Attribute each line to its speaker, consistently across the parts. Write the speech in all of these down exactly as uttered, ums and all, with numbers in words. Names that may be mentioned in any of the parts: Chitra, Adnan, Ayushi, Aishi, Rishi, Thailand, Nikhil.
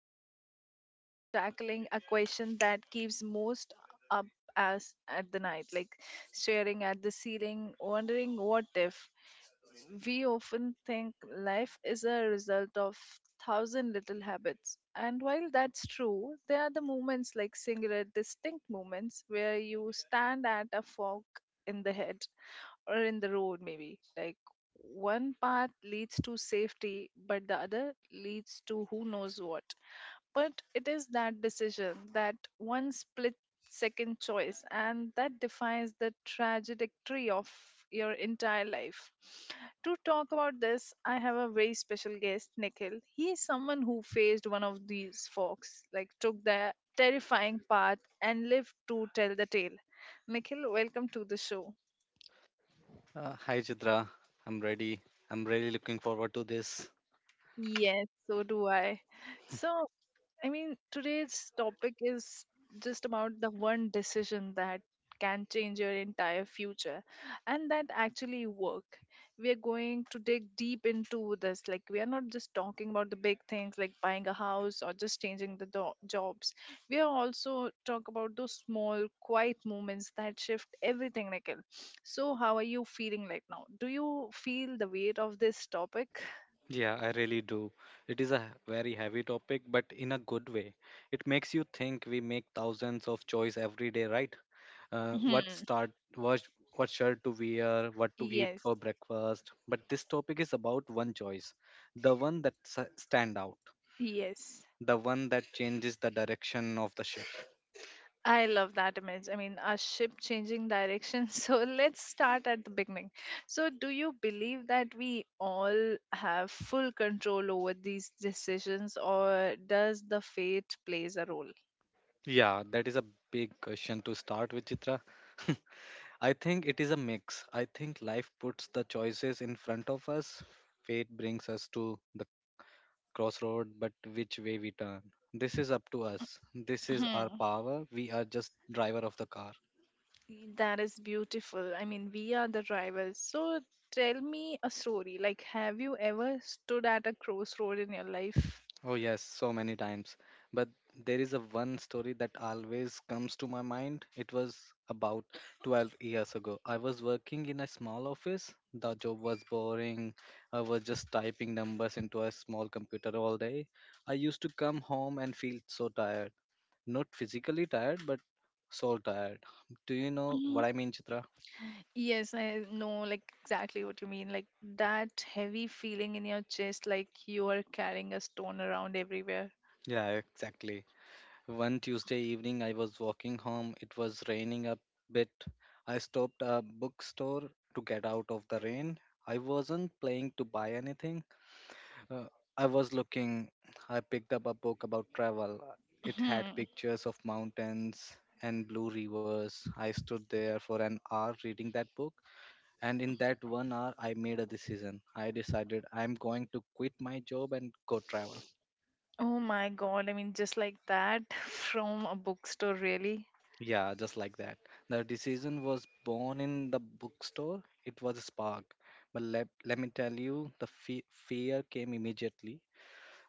Speaker 1: and today we are tackling a question that keeps most up us at the night, like staring at the ceiling, wondering what if. We often think life is a result of thousand little habits. And while that's true, there are the moments like singular distinct moments where you stand at a fork in the head or in the road maybe. Like one path leads to safety, but the other leads to who knows what. But it is that decision, that one split second choice, and that defines the trajectory of your entire life. To talk about this, I have a very special guest, Nikhil. He is someone who faced one of these forks, like took the terrifying path and lived to tell the tale. Nikhil, welcome to the show.
Speaker 2: Uh, hi Chitra, I'm ready. I'm really looking forward to this.
Speaker 1: Yes, so do I. So, I mean, today's topic is just about the one decision that can change your entire future and that actually work. We are going to dig deep into this. Like, we are not just talking about the big things like buying a house or just changing the do- jobs. We are also talk about those small, quiet moments that shift everything, Nikhil. So, how are you feeling right now? Do you feel the weight of this topic?
Speaker 2: Yeah, I really do. It is a very heavy topic, but in a good way. It makes you think we make thousands of choice every day, right? Uh, what
Speaker 1: Hmm.
Speaker 2: start, what, what shirt to wear, what to eat
Speaker 1: Yes.
Speaker 2: for breakfast. But this topic is about one choice, the one that s- stand out,
Speaker 1: Yes.
Speaker 2: the one that changes the direction of the ship.
Speaker 1: I love that image. I mean, a ship changing direction. So let's start at the beginning. So, do you believe that we all have full control over these decisions, or does the fate plays a role?
Speaker 2: Yeah, that is a big question to start with, Chitra. I think it is a mix. I think life puts the choices in front of us. Fate brings us to the crossroad, but which way we turn? This is up to us. This is our
Speaker 1: Hmm,
Speaker 2: power. We are just driver of the car.
Speaker 1: that is beautiful. I mean, we are the drivers. So, tell me a story. Like, have you ever stood at a crossroad in your life?
Speaker 2: Oh yes, so many times. But there is a one story that always comes to my mind. It was about twelve years ago. I was working in a small office. The job was boring. I was just typing numbers into a small computer all day. I used to come home and feel so tired. Not physically tired, but soul tired. Do you know what I mean, Chitra?
Speaker 1: Yes, I know like exactly what you mean. Like that heavy feeling in your chest, like you are carrying a stone around everywhere.
Speaker 2: Yeah, exactly. One Tuesday evening, I was walking home. It was raining a bit. I stopped a bookstore to get out of the rain. I wasn't planning to buy anything. Uh, I was looking. I picked up a book about travel. It had
Speaker 1: Hmm.
Speaker 2: pictures of mountains and blue rivers. I stood there for an hour reading that book. And in that one hour, I made a decision. I decided I'm going to quit my job and go travel.
Speaker 1: Oh my God. I mean, just like that from a bookstore, really.
Speaker 2: Yeah, just like that. The decision was born in the bookstore. It was a spark. But let, let me tell you, the fe- fear came immediately.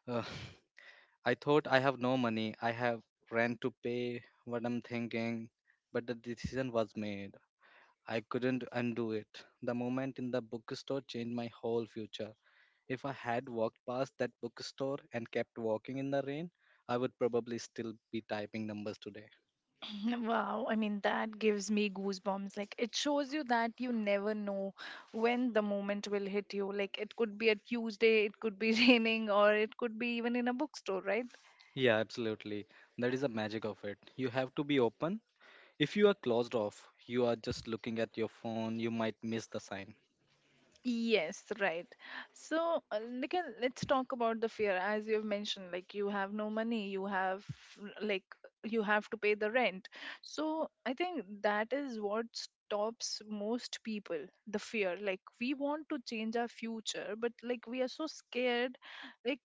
Speaker 2: Uh, I thought I have no money. I have rent to pay, what I'm thinking. But the decision was made. I couldn't undo it. The moment in the bookstore changed my whole future. If I had walked past that bookstore and kept walking in the rain, I would probably still be typing numbers today.
Speaker 1: Wow. I mean, that gives me goosebumps. Like it shows you that you never know when the moment will hit you. Like it could be a Tuesday, it could be raining, or it could be even in a bookstore, right?
Speaker 2: Yeah, absolutely. That is the magic of it. You have to be open. If you are closed off, you are just looking at your phone, you might miss the sign.
Speaker 1: Yes, right. So, uh, like, uh, let's talk about the fear. As you've mentioned, like, you have no money, you have, like, you have to pay the rent. So, I think that is what stops most people, the fear. Like, we want to change our future, but, like, we are so scared, like,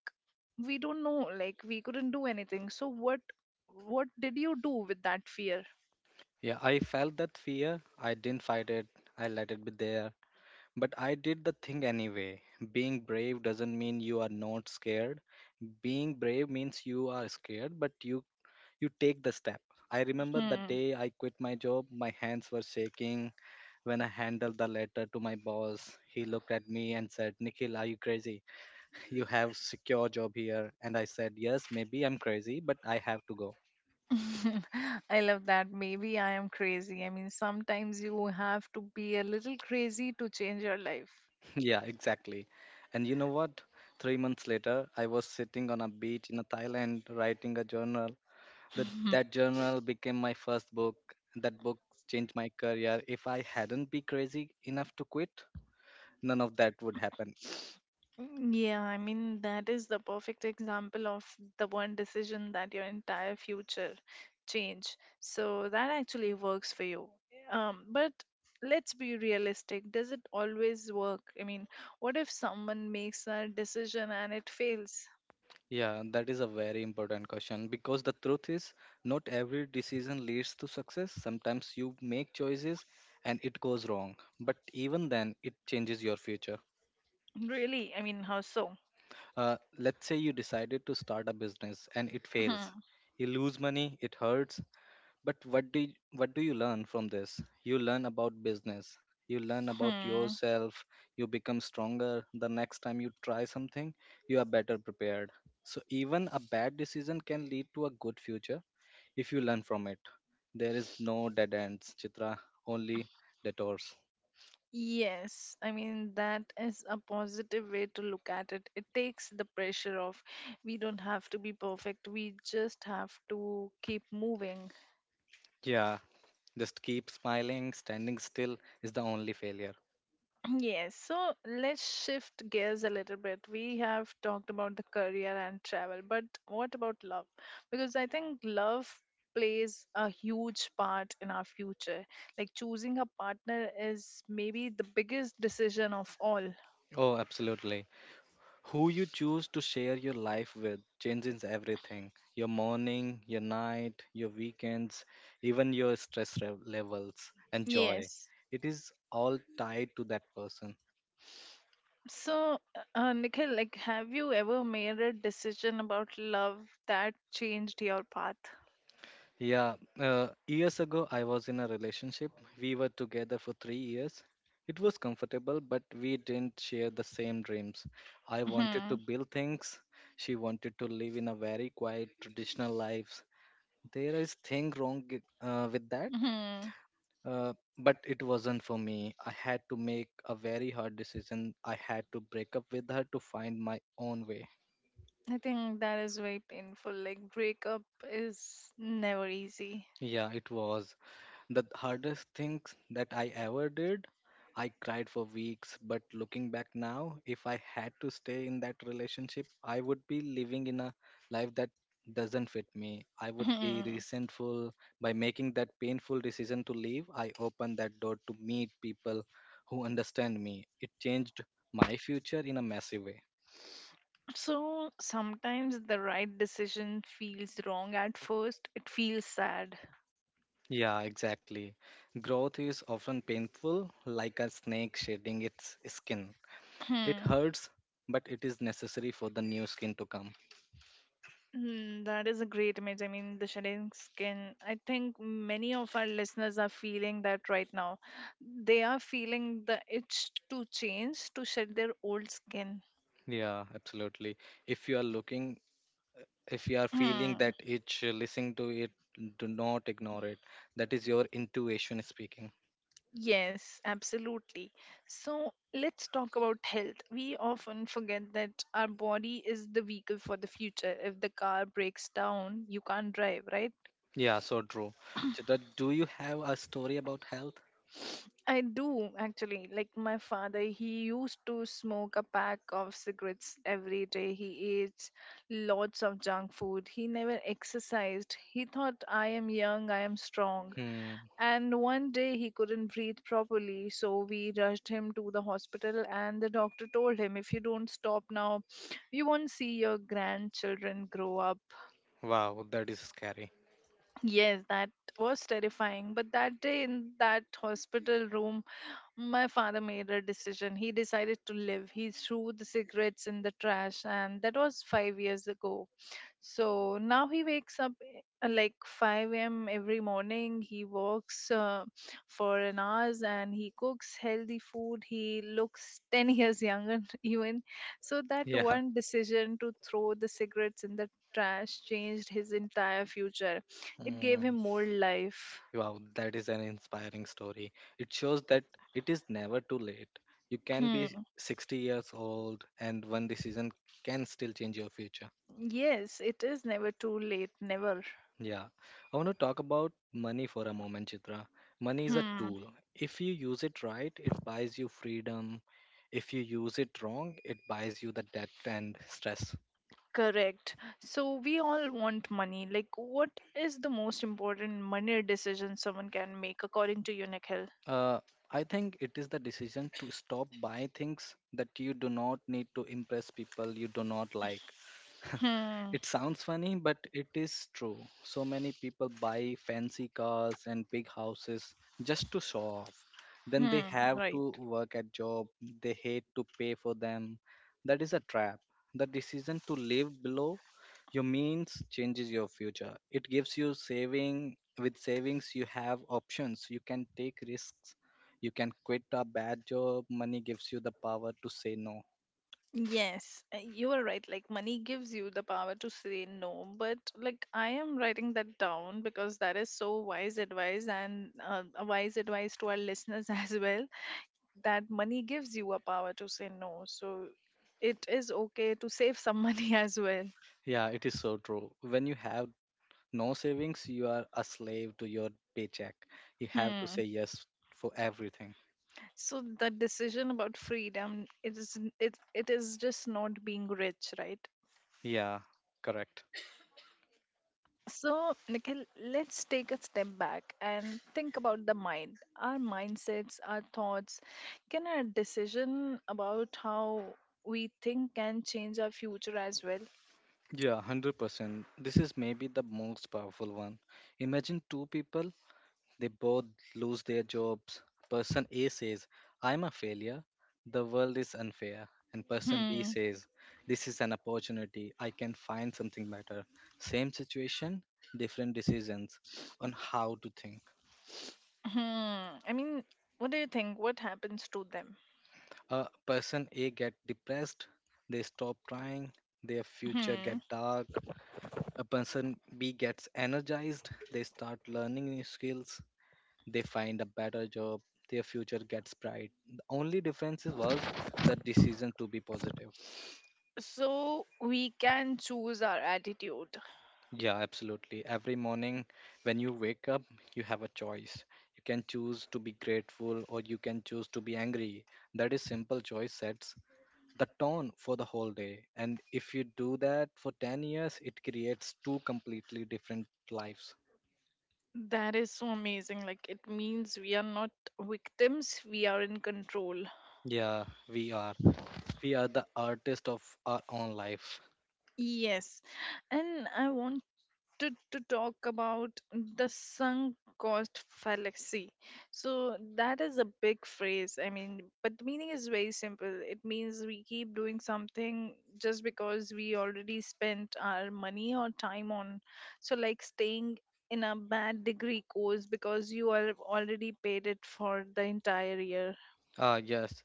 Speaker 1: we don't know, like, we couldn't do anything. So, what, what did you do with that fear?
Speaker 2: Yeah, I felt that fear. I didn't fight it, I let it be there. But I did the thing anyway. Being brave doesn't mean you are not scared. Being brave means you are scared, but you you take the step. I remember the
Speaker 1: Hmm.
Speaker 2: day I quit my job, my hands were shaking when I handed the letter to my boss. He looked at me and said, "Nikhil, are you crazy? You have secure job here," and I said, "yes, maybe I'm crazy, but I have to go."
Speaker 1: I love that. Maybe I am crazy. I mean, sometimes you have to be a little crazy to change your life.
Speaker 2: Yeah, exactly. And you know what, three months later I was sitting on a beach in Thailand writing a journal. That that journal became my first book. That book changed my career. If I hadn't be crazy enough to quit, none of that would happen.
Speaker 1: Mm, yeah, I mean, that is the perfect example of the one decision that your entire future change. So that actually works for you. Um, but let's be realistic. Does it always work? I mean, what if someone makes a decision and it fails?
Speaker 2: Yeah, that is a very important question because the truth is, not every decision leads to success. Sometimes you make choices and it goes wrong, but even then, it changes your future.
Speaker 1: Really? I mean, how so?
Speaker 2: Uh, let's say you decided to start a business and it fails. You lose money, it hurts. But what do you, what do you learn from this? You learn about business. You learn about yourself. You become stronger. The next time you try something, you are better prepared. So even a bad decision can lead to a good future if you learn from it. There is no dead ends, Chitra, only detours.
Speaker 1: Yes, I mean, that is a positive way to look at it. It takes the pressure off. We don't have to be perfect, we just have to keep moving.
Speaker 2: Yeah, just keep smiling. Standing still is the only failure.
Speaker 1: Yes, so let's shift gears a little bit. We have talked about the career and travel, but what about love? Because I think love plays a huge part in our future. Like choosing a partner is maybe the biggest decision of all.
Speaker 2: Oh, absolutely. Who you choose to share your life with changes everything, your morning, your night, your weekends, even your stress re- levels and joy.
Speaker 1: Yes.
Speaker 2: It is all tied to that person.
Speaker 1: So, uh, uh, Nikhil, like, have you ever made a decision about love that changed your path?
Speaker 2: Yeah, uh, years ago, I was in a relationship. We were together for three years. It was comfortable, but we didn't share the same dreams. I wanted
Speaker 1: Hmm.
Speaker 2: to build things. She wanted to live in a very quiet, traditional life. There is thing wrong uh, with that.
Speaker 1: Hmm.
Speaker 2: Uh, but it wasn't for me. I had to make a very hard decision. I had to break up with her to find my own way.
Speaker 1: I think that is very painful. Like, breakup is never easy.
Speaker 2: Yeah, it was. The hardest things that I ever did. I cried for weeks, but looking back now, if I had to stay in that relationship, I would be living in a life that doesn't fit me. I would be resentful. By making that painful decision to leave, I opened that door to meet people who understand me. It changed my future in a massive way.
Speaker 1: So sometimes the right decision feels wrong at first. It feels sad.
Speaker 2: Yeah, exactly. Growth is often painful, like a snake shedding its skin. It
Speaker 1: Hmm.
Speaker 2: hurts, but it is necessary for the new skin to come.
Speaker 1: Hmm, that is a great image. I mean, the shedding skin. I think many of our listeners are feeling that right now. They are feeling the itch to change, to shed their old skin.
Speaker 2: Yeah, absolutely. If you are looking, if you are feeling
Speaker 1: Hmm.
Speaker 2: that itch, listen to it, do not ignore it. That is your intuition speaking.
Speaker 1: Yes, absolutely. So let's talk about health. We often forget that our body is the vehicle for the future. If the car breaks down, you can't drive, right?
Speaker 2: Yeah, so true. Chitra, do you have a story about health?
Speaker 1: I do actually. Like my father, he used to smoke a pack of cigarettes every day. He ate lots of junk food. He never exercised. He thought, I am young, I am strong.
Speaker 2: Hmm.
Speaker 1: And one day he couldn't breathe properly, so we rushed him to the hospital. And the doctor told him, if you don't stop now, you won't see your grandchildren grow up.
Speaker 2: Wow, that is scary.
Speaker 1: Yes, that was terrifying. But that day in that hospital room, my father made a decision. He decided to live. He threw the cigarettes in the trash, and that was five years ago. So now he wakes up uh, like five a m every morning. He walks uh, for an hours and he cooks healthy food. He looks ten years younger, even. So that
Speaker 2: Yeah.
Speaker 1: one decision to throw the cigarettes in the trash changed his entire future. It gave
Speaker 2: Hmm.
Speaker 1: him more life.
Speaker 2: Wow, that is an inspiring story. It shows that it is never too late. You can be sixty years old, and one decision can still change your future.
Speaker 1: Yes, it is never too late, never.
Speaker 2: Yeah, I want to talk about money for a moment, Chitra. Money is a
Speaker 1: Hmm.
Speaker 2: tool. If you use it right, it buys you freedom. If you use it wrong, it buys you the debt and stress.
Speaker 1: Correct. So we all want money. Like, what is the most important money decision someone can make according to you, Nikhil?
Speaker 2: Uh, I think it is the decision to stop buying things that you do not need to impress people you do not like.
Speaker 1: Hmm.
Speaker 2: It sounds funny, but it is true. So many people buy fancy cars and big houses just to show off. Then they
Speaker 1: Hmm.
Speaker 2: have
Speaker 1: Right.
Speaker 2: to work a job they hate to pay for them. That is a trap. The decision to live below your means changes your future. It gives you saving. With savings, you have options. You can take risks. You can quit a bad job. Money gives you the power to say no.
Speaker 1: Yes, uh, you are right. Like, money gives you the power to say no. But, like, I am writing that down because that is so wise advice and uh, a wise advice to our listeners as well. That money gives you a power to say no. So it is okay to save some money as well.
Speaker 2: Yeah, it is so true. When you have No savings, you are a slave to your paycheck. You have to
Speaker 1: Hmm.
Speaker 2: say yes for everything.
Speaker 1: So the decision about freedom, it is it it is just not being rich, right?
Speaker 2: Yeah, correct.
Speaker 1: So, Nikhil, let's take a step back and think about the mind, our mindsets, our thoughts. Can our decision about how we think can change our future as well?
Speaker 2: Yeah, one hundred percent. This is maybe the most powerful one. Imagine two people, they both lose their jobs. Person A says, "I'm a failure, the world is unfair." And person B
Speaker 1: Hmm.
Speaker 2: says, "This is an opportunity, I can find something better." Same situation, different decisions on how to think.
Speaker 1: Hmm. I mean, what do you think? What happens to them?
Speaker 2: A person A get depressed, they stop trying, their future get
Speaker 1: Hmm.
Speaker 2: dark. A person B gets energized, they start learning new skills, they find a better job, their future gets bright. The only difference is- was the decision to be positive.
Speaker 1: So we can choose our attitude.
Speaker 2: Yeah, absolutely. Every morning when you wake up, you have a choice. You can choose to be grateful or you can choose to be angry. That is simple choice sets the tone for the whole day. And if you do that for ten years, it creates two completely different lives.
Speaker 1: That is so amazing. Like it means we are not victims, we are in control.
Speaker 2: Yeah, we are. We are the artist of our own life.
Speaker 1: Yes. And I want to, to talk about the sunk cost fallacy. So that is a big phrase. I mean, but the meaning is very simple. It means we keep doing something just because we already spent our money or time on. So like staying in a bad degree course because you have already paid it for the entire year.
Speaker 2: Ah, yes.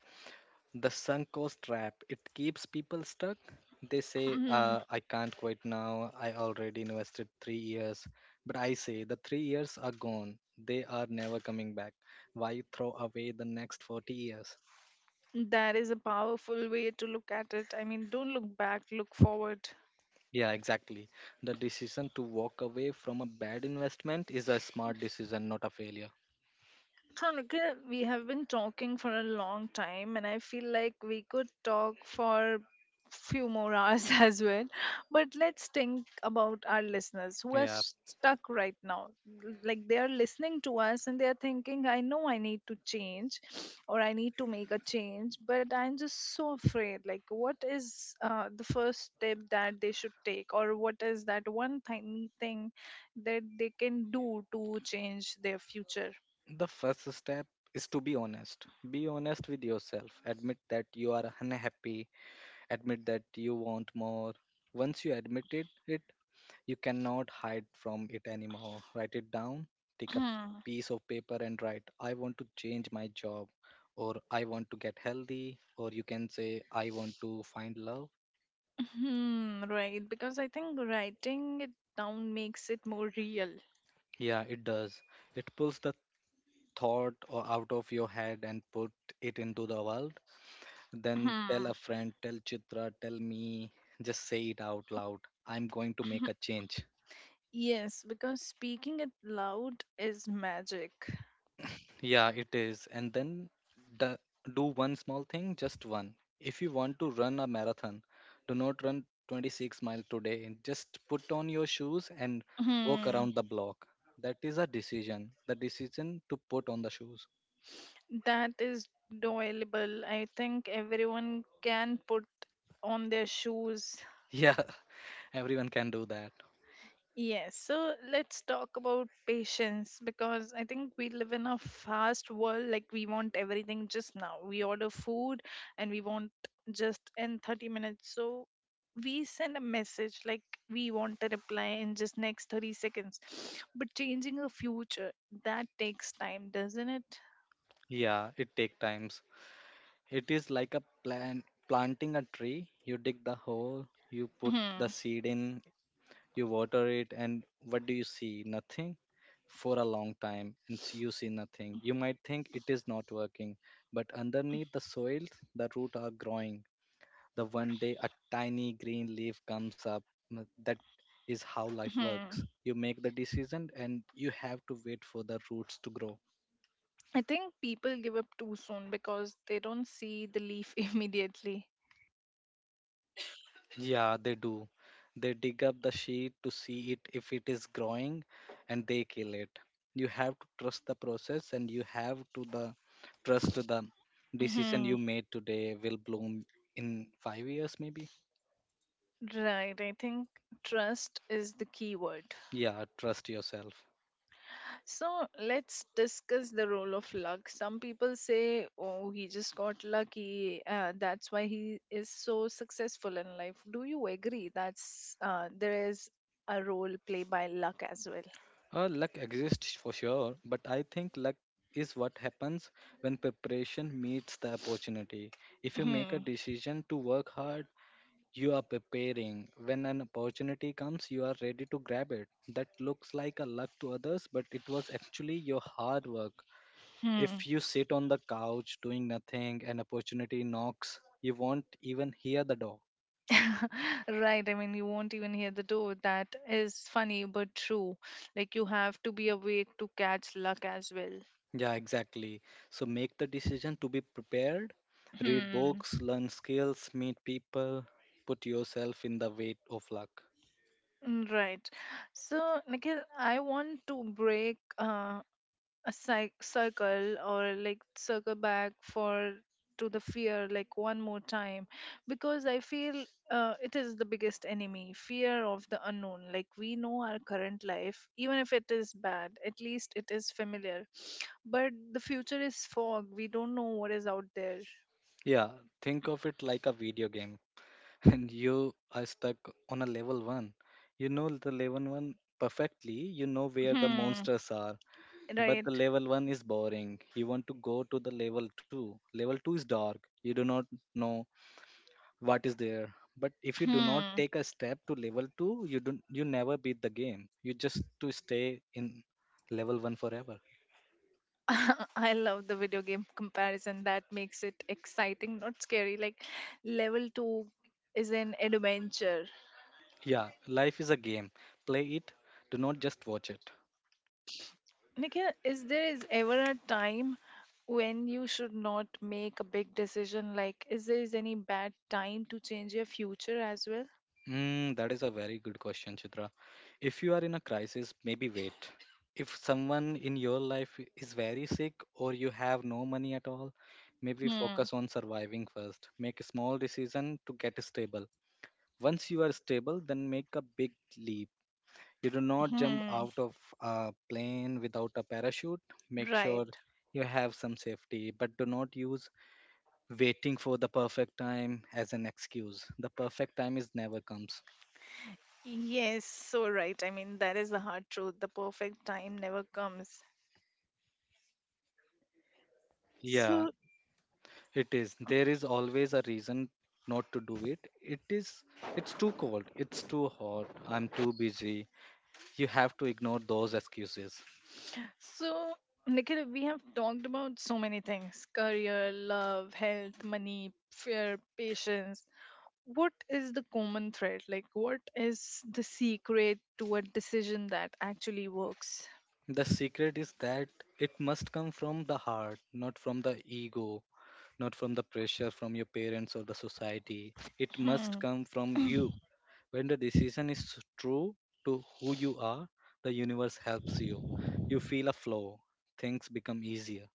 Speaker 2: The sunk cost trap. It keeps people stuck. They say,
Speaker 1: Mm.
Speaker 2: uh, I can't quit now. I already invested three years. But I say, the three years are gone. They are never coming back. Why throw away the next forty years?
Speaker 1: That is a powerful way to look at it. I mean, don't look back, look forward.
Speaker 2: Yeah, exactly. The decision to walk away from a bad investment is a smart decision, not a failure.
Speaker 1: Hanukkah, we have been talking for a long time, and I feel like we could talk for few more hours as well. But let's think about our listeners who are
Speaker 2: Yeah.
Speaker 1: stuck right now. Like they are listening to us and they are thinking, I know I need to change or I need to make a change, but I'm just so afraid. Like, what is uh, the first step that they should take, or what is that one tiny thing that they can do to change their future?
Speaker 2: The first step is to be honest. Be honest with yourself. Admit that you are unhappy. Admit that you want more. Once you admit it, it you cannot hide from it anymore. Write it down. Take a piece of paper and write, I want to change my job, or I want to get healthy, or you can say I want to find love.
Speaker 1: Hmm, right, because I think writing it down makes it more real.
Speaker 2: Yeah, it does. It pulls the thought or out of your head and put it into the world. Then tell
Speaker 1: Hmm.
Speaker 2: a friend, tell Chitra, tell me. Just say it out loud, I'm going to make a change.
Speaker 1: Yes, because speaking it loud is magic.
Speaker 2: Yeah, it is. And then the, do one small thing, just one. If you want to run a marathon, do not run twenty-six miles today. Just put on your shoes and walk
Speaker 1: Hmm.
Speaker 2: around the block. That is a decision, the decision to put on the shoes.
Speaker 1: That is doable. I think everyone can put on their shoes.
Speaker 2: Yeah, everyone can do that.
Speaker 1: Yes, so let's talk about patience because I think we live in a fast world. Like, we want everything just now. We order food and we want just in thirty minutes. So, we send a message like we want a reply in just next thirty seconds. But changing a future, that takes time, doesn't it?
Speaker 2: Yeah, it take times. It is like a plant planting a tree. You dig the hole, you put the
Speaker 1: Hmm.
Speaker 2: seed in, you water it, and what do you see? Nothing for a long time, and s- you see nothing. You might think it is not working, but underneath the soil, the root are growing. The one day a tiny green leaf comes up. mm, That is how life works.
Speaker 1: Hmm.
Speaker 2: You make the decision, and you have to wait for the roots to grow.
Speaker 1: I think people give up too soon because they don't see the leaf immediately.
Speaker 2: Yeah, they do. They dig up the sheet to see it if it is growing and they kill it. You have to trust the process and you have to the trust the decision you made today will bloom in five years maybe.
Speaker 1: Right, I think trust is the key word.
Speaker 2: Yeah, trust yourself.
Speaker 1: So let's discuss the role of luck. Some people say, oh, he just got lucky. Uh, that's why he is so successful in life. Do you agree that's uh, there is a role played by luck as well?
Speaker 2: Uh, luck exists for sure, but I think luck is what happens when preparation meets the opportunity. If you make a
Speaker 1: Hmm.
Speaker 2: decision to work hard, you are preparing. When an opportunity comes, you are ready to grab it. That looks like a luck to others, but it was actually your hard work.
Speaker 1: Hmm.
Speaker 2: If you sit on the couch doing nothing, an opportunity knocks, you won't even hear the door.
Speaker 1: Right. I mean, you won't even hear the door. That is funny but true. Like you have to be awake to catch luck as well.
Speaker 2: Yeah, exactly. So make the decision to be prepared. Read
Speaker 1: Hmm.
Speaker 2: books, learn skills, meet people, put yourself in the weight of luck.
Speaker 1: Mm, right. So, Nikhil, I want to break uh, a cy- circle or like circle back for to the fear like one more time because I feel uh, it is the biggest enemy, fear of the unknown. Like we know our current life, even if it is bad, at least it is familiar. But the future is fog. We don't know what is out there.
Speaker 2: Yeah, think of it like a video game. And you are stuck on a level one. You know the level one perfectly, you know where the
Speaker 1: Hmm.
Speaker 2: monsters are, but the
Speaker 1: Right.
Speaker 2: level one is boring. You want to go to the level two. Level two is dark, you do not know what is there. But if you do not
Speaker 1: Hmm.
Speaker 2: take a step to level two, you don't you never beat the game. You just to stay in level one forever.
Speaker 1: I love the video game comparison. That makes it exciting, not scary. Like level two is an adventure.
Speaker 2: Yeah, life is a game. Play it, do not just watch it.
Speaker 1: Nikhil, is there is ever a time when you should not make a big decision? Like, is there is any bad time to change your future as well?
Speaker 2: Mm, that is a very good question, Chitra. If you are in a crisis, maybe wait. If someone in your life i- is very sick or you have no money at all, maybe
Speaker 1: Hmm.
Speaker 2: focus on surviving first. Make a small decision to get stable. Once you are stable, then make a big leap. You do not jump
Speaker 1: Hmm.
Speaker 2: out of a plane without a parachute. Make sure
Speaker 1: Right.
Speaker 2: you have some safety, but do not use waiting for the perfect time as an excuse. The perfect time is never comes.
Speaker 1: Yes, so right. I mean, that is the hard truth. The perfect time never comes.
Speaker 2: Yeah,
Speaker 1: So,
Speaker 2: it is. There is always a reason not to do it. It is. It's too cold. It's too hot. I'm too busy. You have to ignore those excuses.
Speaker 1: so Nikhil, we have talked about so many things: career, love, health, money, fear, patience. What is the common thread? Like, what is the secret to a decision that actually works?
Speaker 2: The secret is that it must come from the heart, not from the ego, not from the pressure from your parents or the society. It must
Speaker 1: Hmm.
Speaker 2: come from you. When the decision is true to who you are, the universe helps you. You feel a flow. Things become easier.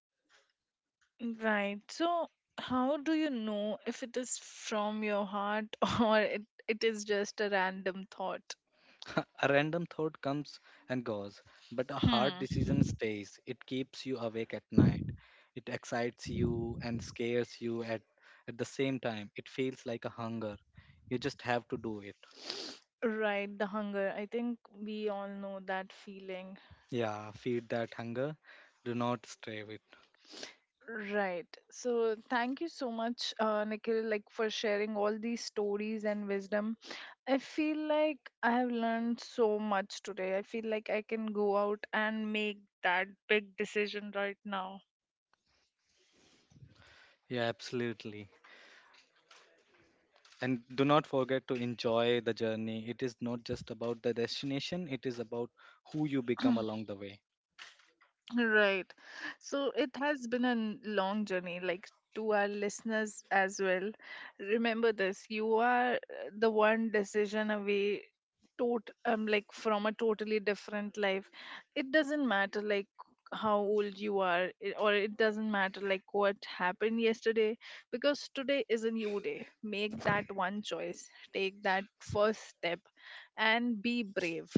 Speaker 1: Right. So, how do you know if it is from your heart or it, it is just a random thought?
Speaker 2: A random thought comes and goes, but a hard decision stays. It keeps you awake at night. It excites you and scares you at, at the same time. It feels like a hunger. You just have to do it.
Speaker 1: Right, the hunger. I think we all know that feeling.
Speaker 2: Yeah, feed that hunger. Do not stray with.
Speaker 1: Right. So thank you so much, uh, Nikhil, like for sharing all these stories and wisdom. I feel like I have learned so much today. I feel like I can go out and make that big decision right now.
Speaker 2: Yeah, absolutely. And do not forget to enjoy the journey. It is not just about the destination, it is about who you become along the way.
Speaker 1: Right. So it has been a n- long journey, like to our listeners as well. Remember this, you are uh, the one decision away tot um like from a totally different life. It doesn't matter like how old you are i- or it doesn't matter like what happened yesterday because today is a new day. Make that one choice. Take that first step and be brave.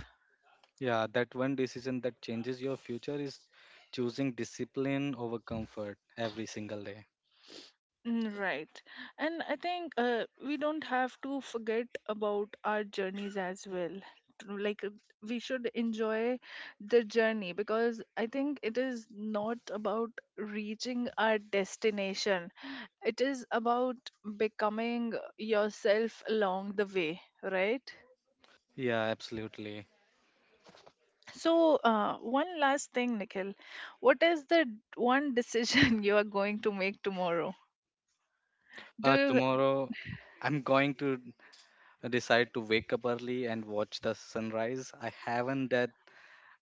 Speaker 2: Yeah, that one decision that changes your future is choosing discipline over comfort every single day.
Speaker 1: Mm, right. And I think uh, we don't have to forget about our journeys as well. To- Like, uh, we should enjoy the journey because I think it is not about reaching our destination, it is about becoming yourself along the way, right?
Speaker 2: Yeah, absolutely.
Speaker 1: So, uh, one last thing, Nikhil. What is the d- one decision you are going to make tomorrow?
Speaker 2: Uh,
Speaker 1: Do you?
Speaker 2: tomorrow, I'm going to decide to wake up early and watch the sunrise. I haven't that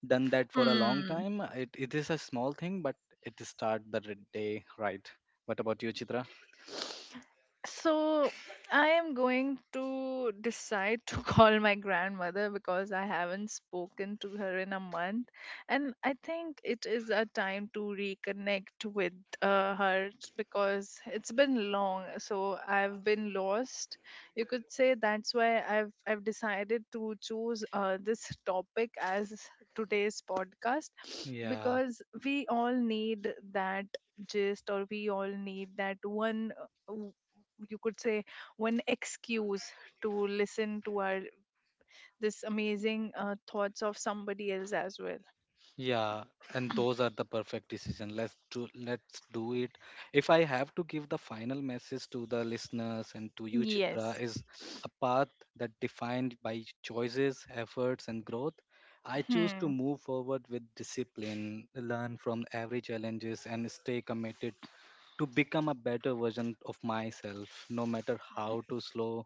Speaker 2: done that for a long
Speaker 1: Hmm.
Speaker 2: time. It it is a small thing, but it start the r- day right. What about you, Chitra?
Speaker 1: So I am going to decide to call my grandmother because I haven't spoken to her in a month, and I think it is a time to reconnect with uh, her because it's been long. So I've been lost. You could say that's why I've I've decided to choose uh, this topic as today's podcast
Speaker 2: Yeah.
Speaker 1: because we all need that gist or we all need that one uh, you could say one excuse to listen to our this amazing uh, thoughts of somebody else as well.
Speaker 2: Yeah, and those are the perfect decision. Let's do let's do it. If I have to give the final message to the listeners and to you, Chitra,
Speaker 1: Yes.
Speaker 2: is a path that defined by choices, efforts, and growth. I choose to
Speaker 1: Hmm.
Speaker 2: move forward with discipline, learn from every challenges, and stay committed to become a better version of myself, no matter how to slow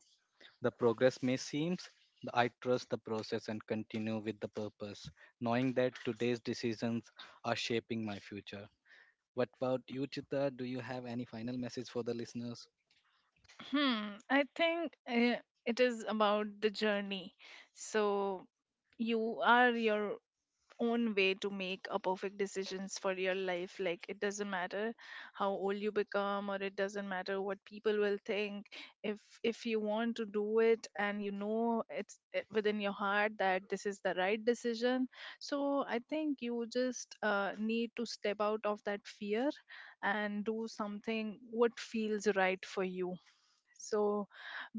Speaker 2: the progress may seem, I trust the process and continue with the purpose, knowing that today's decisions are shaping my future. What about you, Chitra? Do you have any final message for the listeners?
Speaker 1: hmm I think uh, it is about the journey. So you are your own way to make a perfect decisions for your life. Like, it doesn't matter how old you become, or it doesn't matter what people will think. If if you want to do it, and you know it's uh, within your heart that this is the right decision. So I think you just uh, need to step out of that fear and do something what feels right for you. So,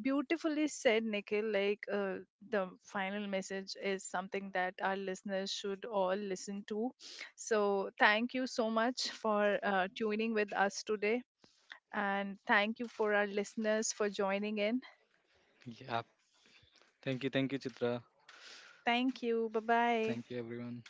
Speaker 1: beautifully said, Nikhil. Like, uh, the final message is something that our listeners should all listen to. So thank you so much for uh, tuning with us today. And thank you for our listeners for joining in.
Speaker 2: Yeah. Thank you. Thank you, Chitra.
Speaker 1: Thank you. Bye bye.
Speaker 2: Thank you, everyone.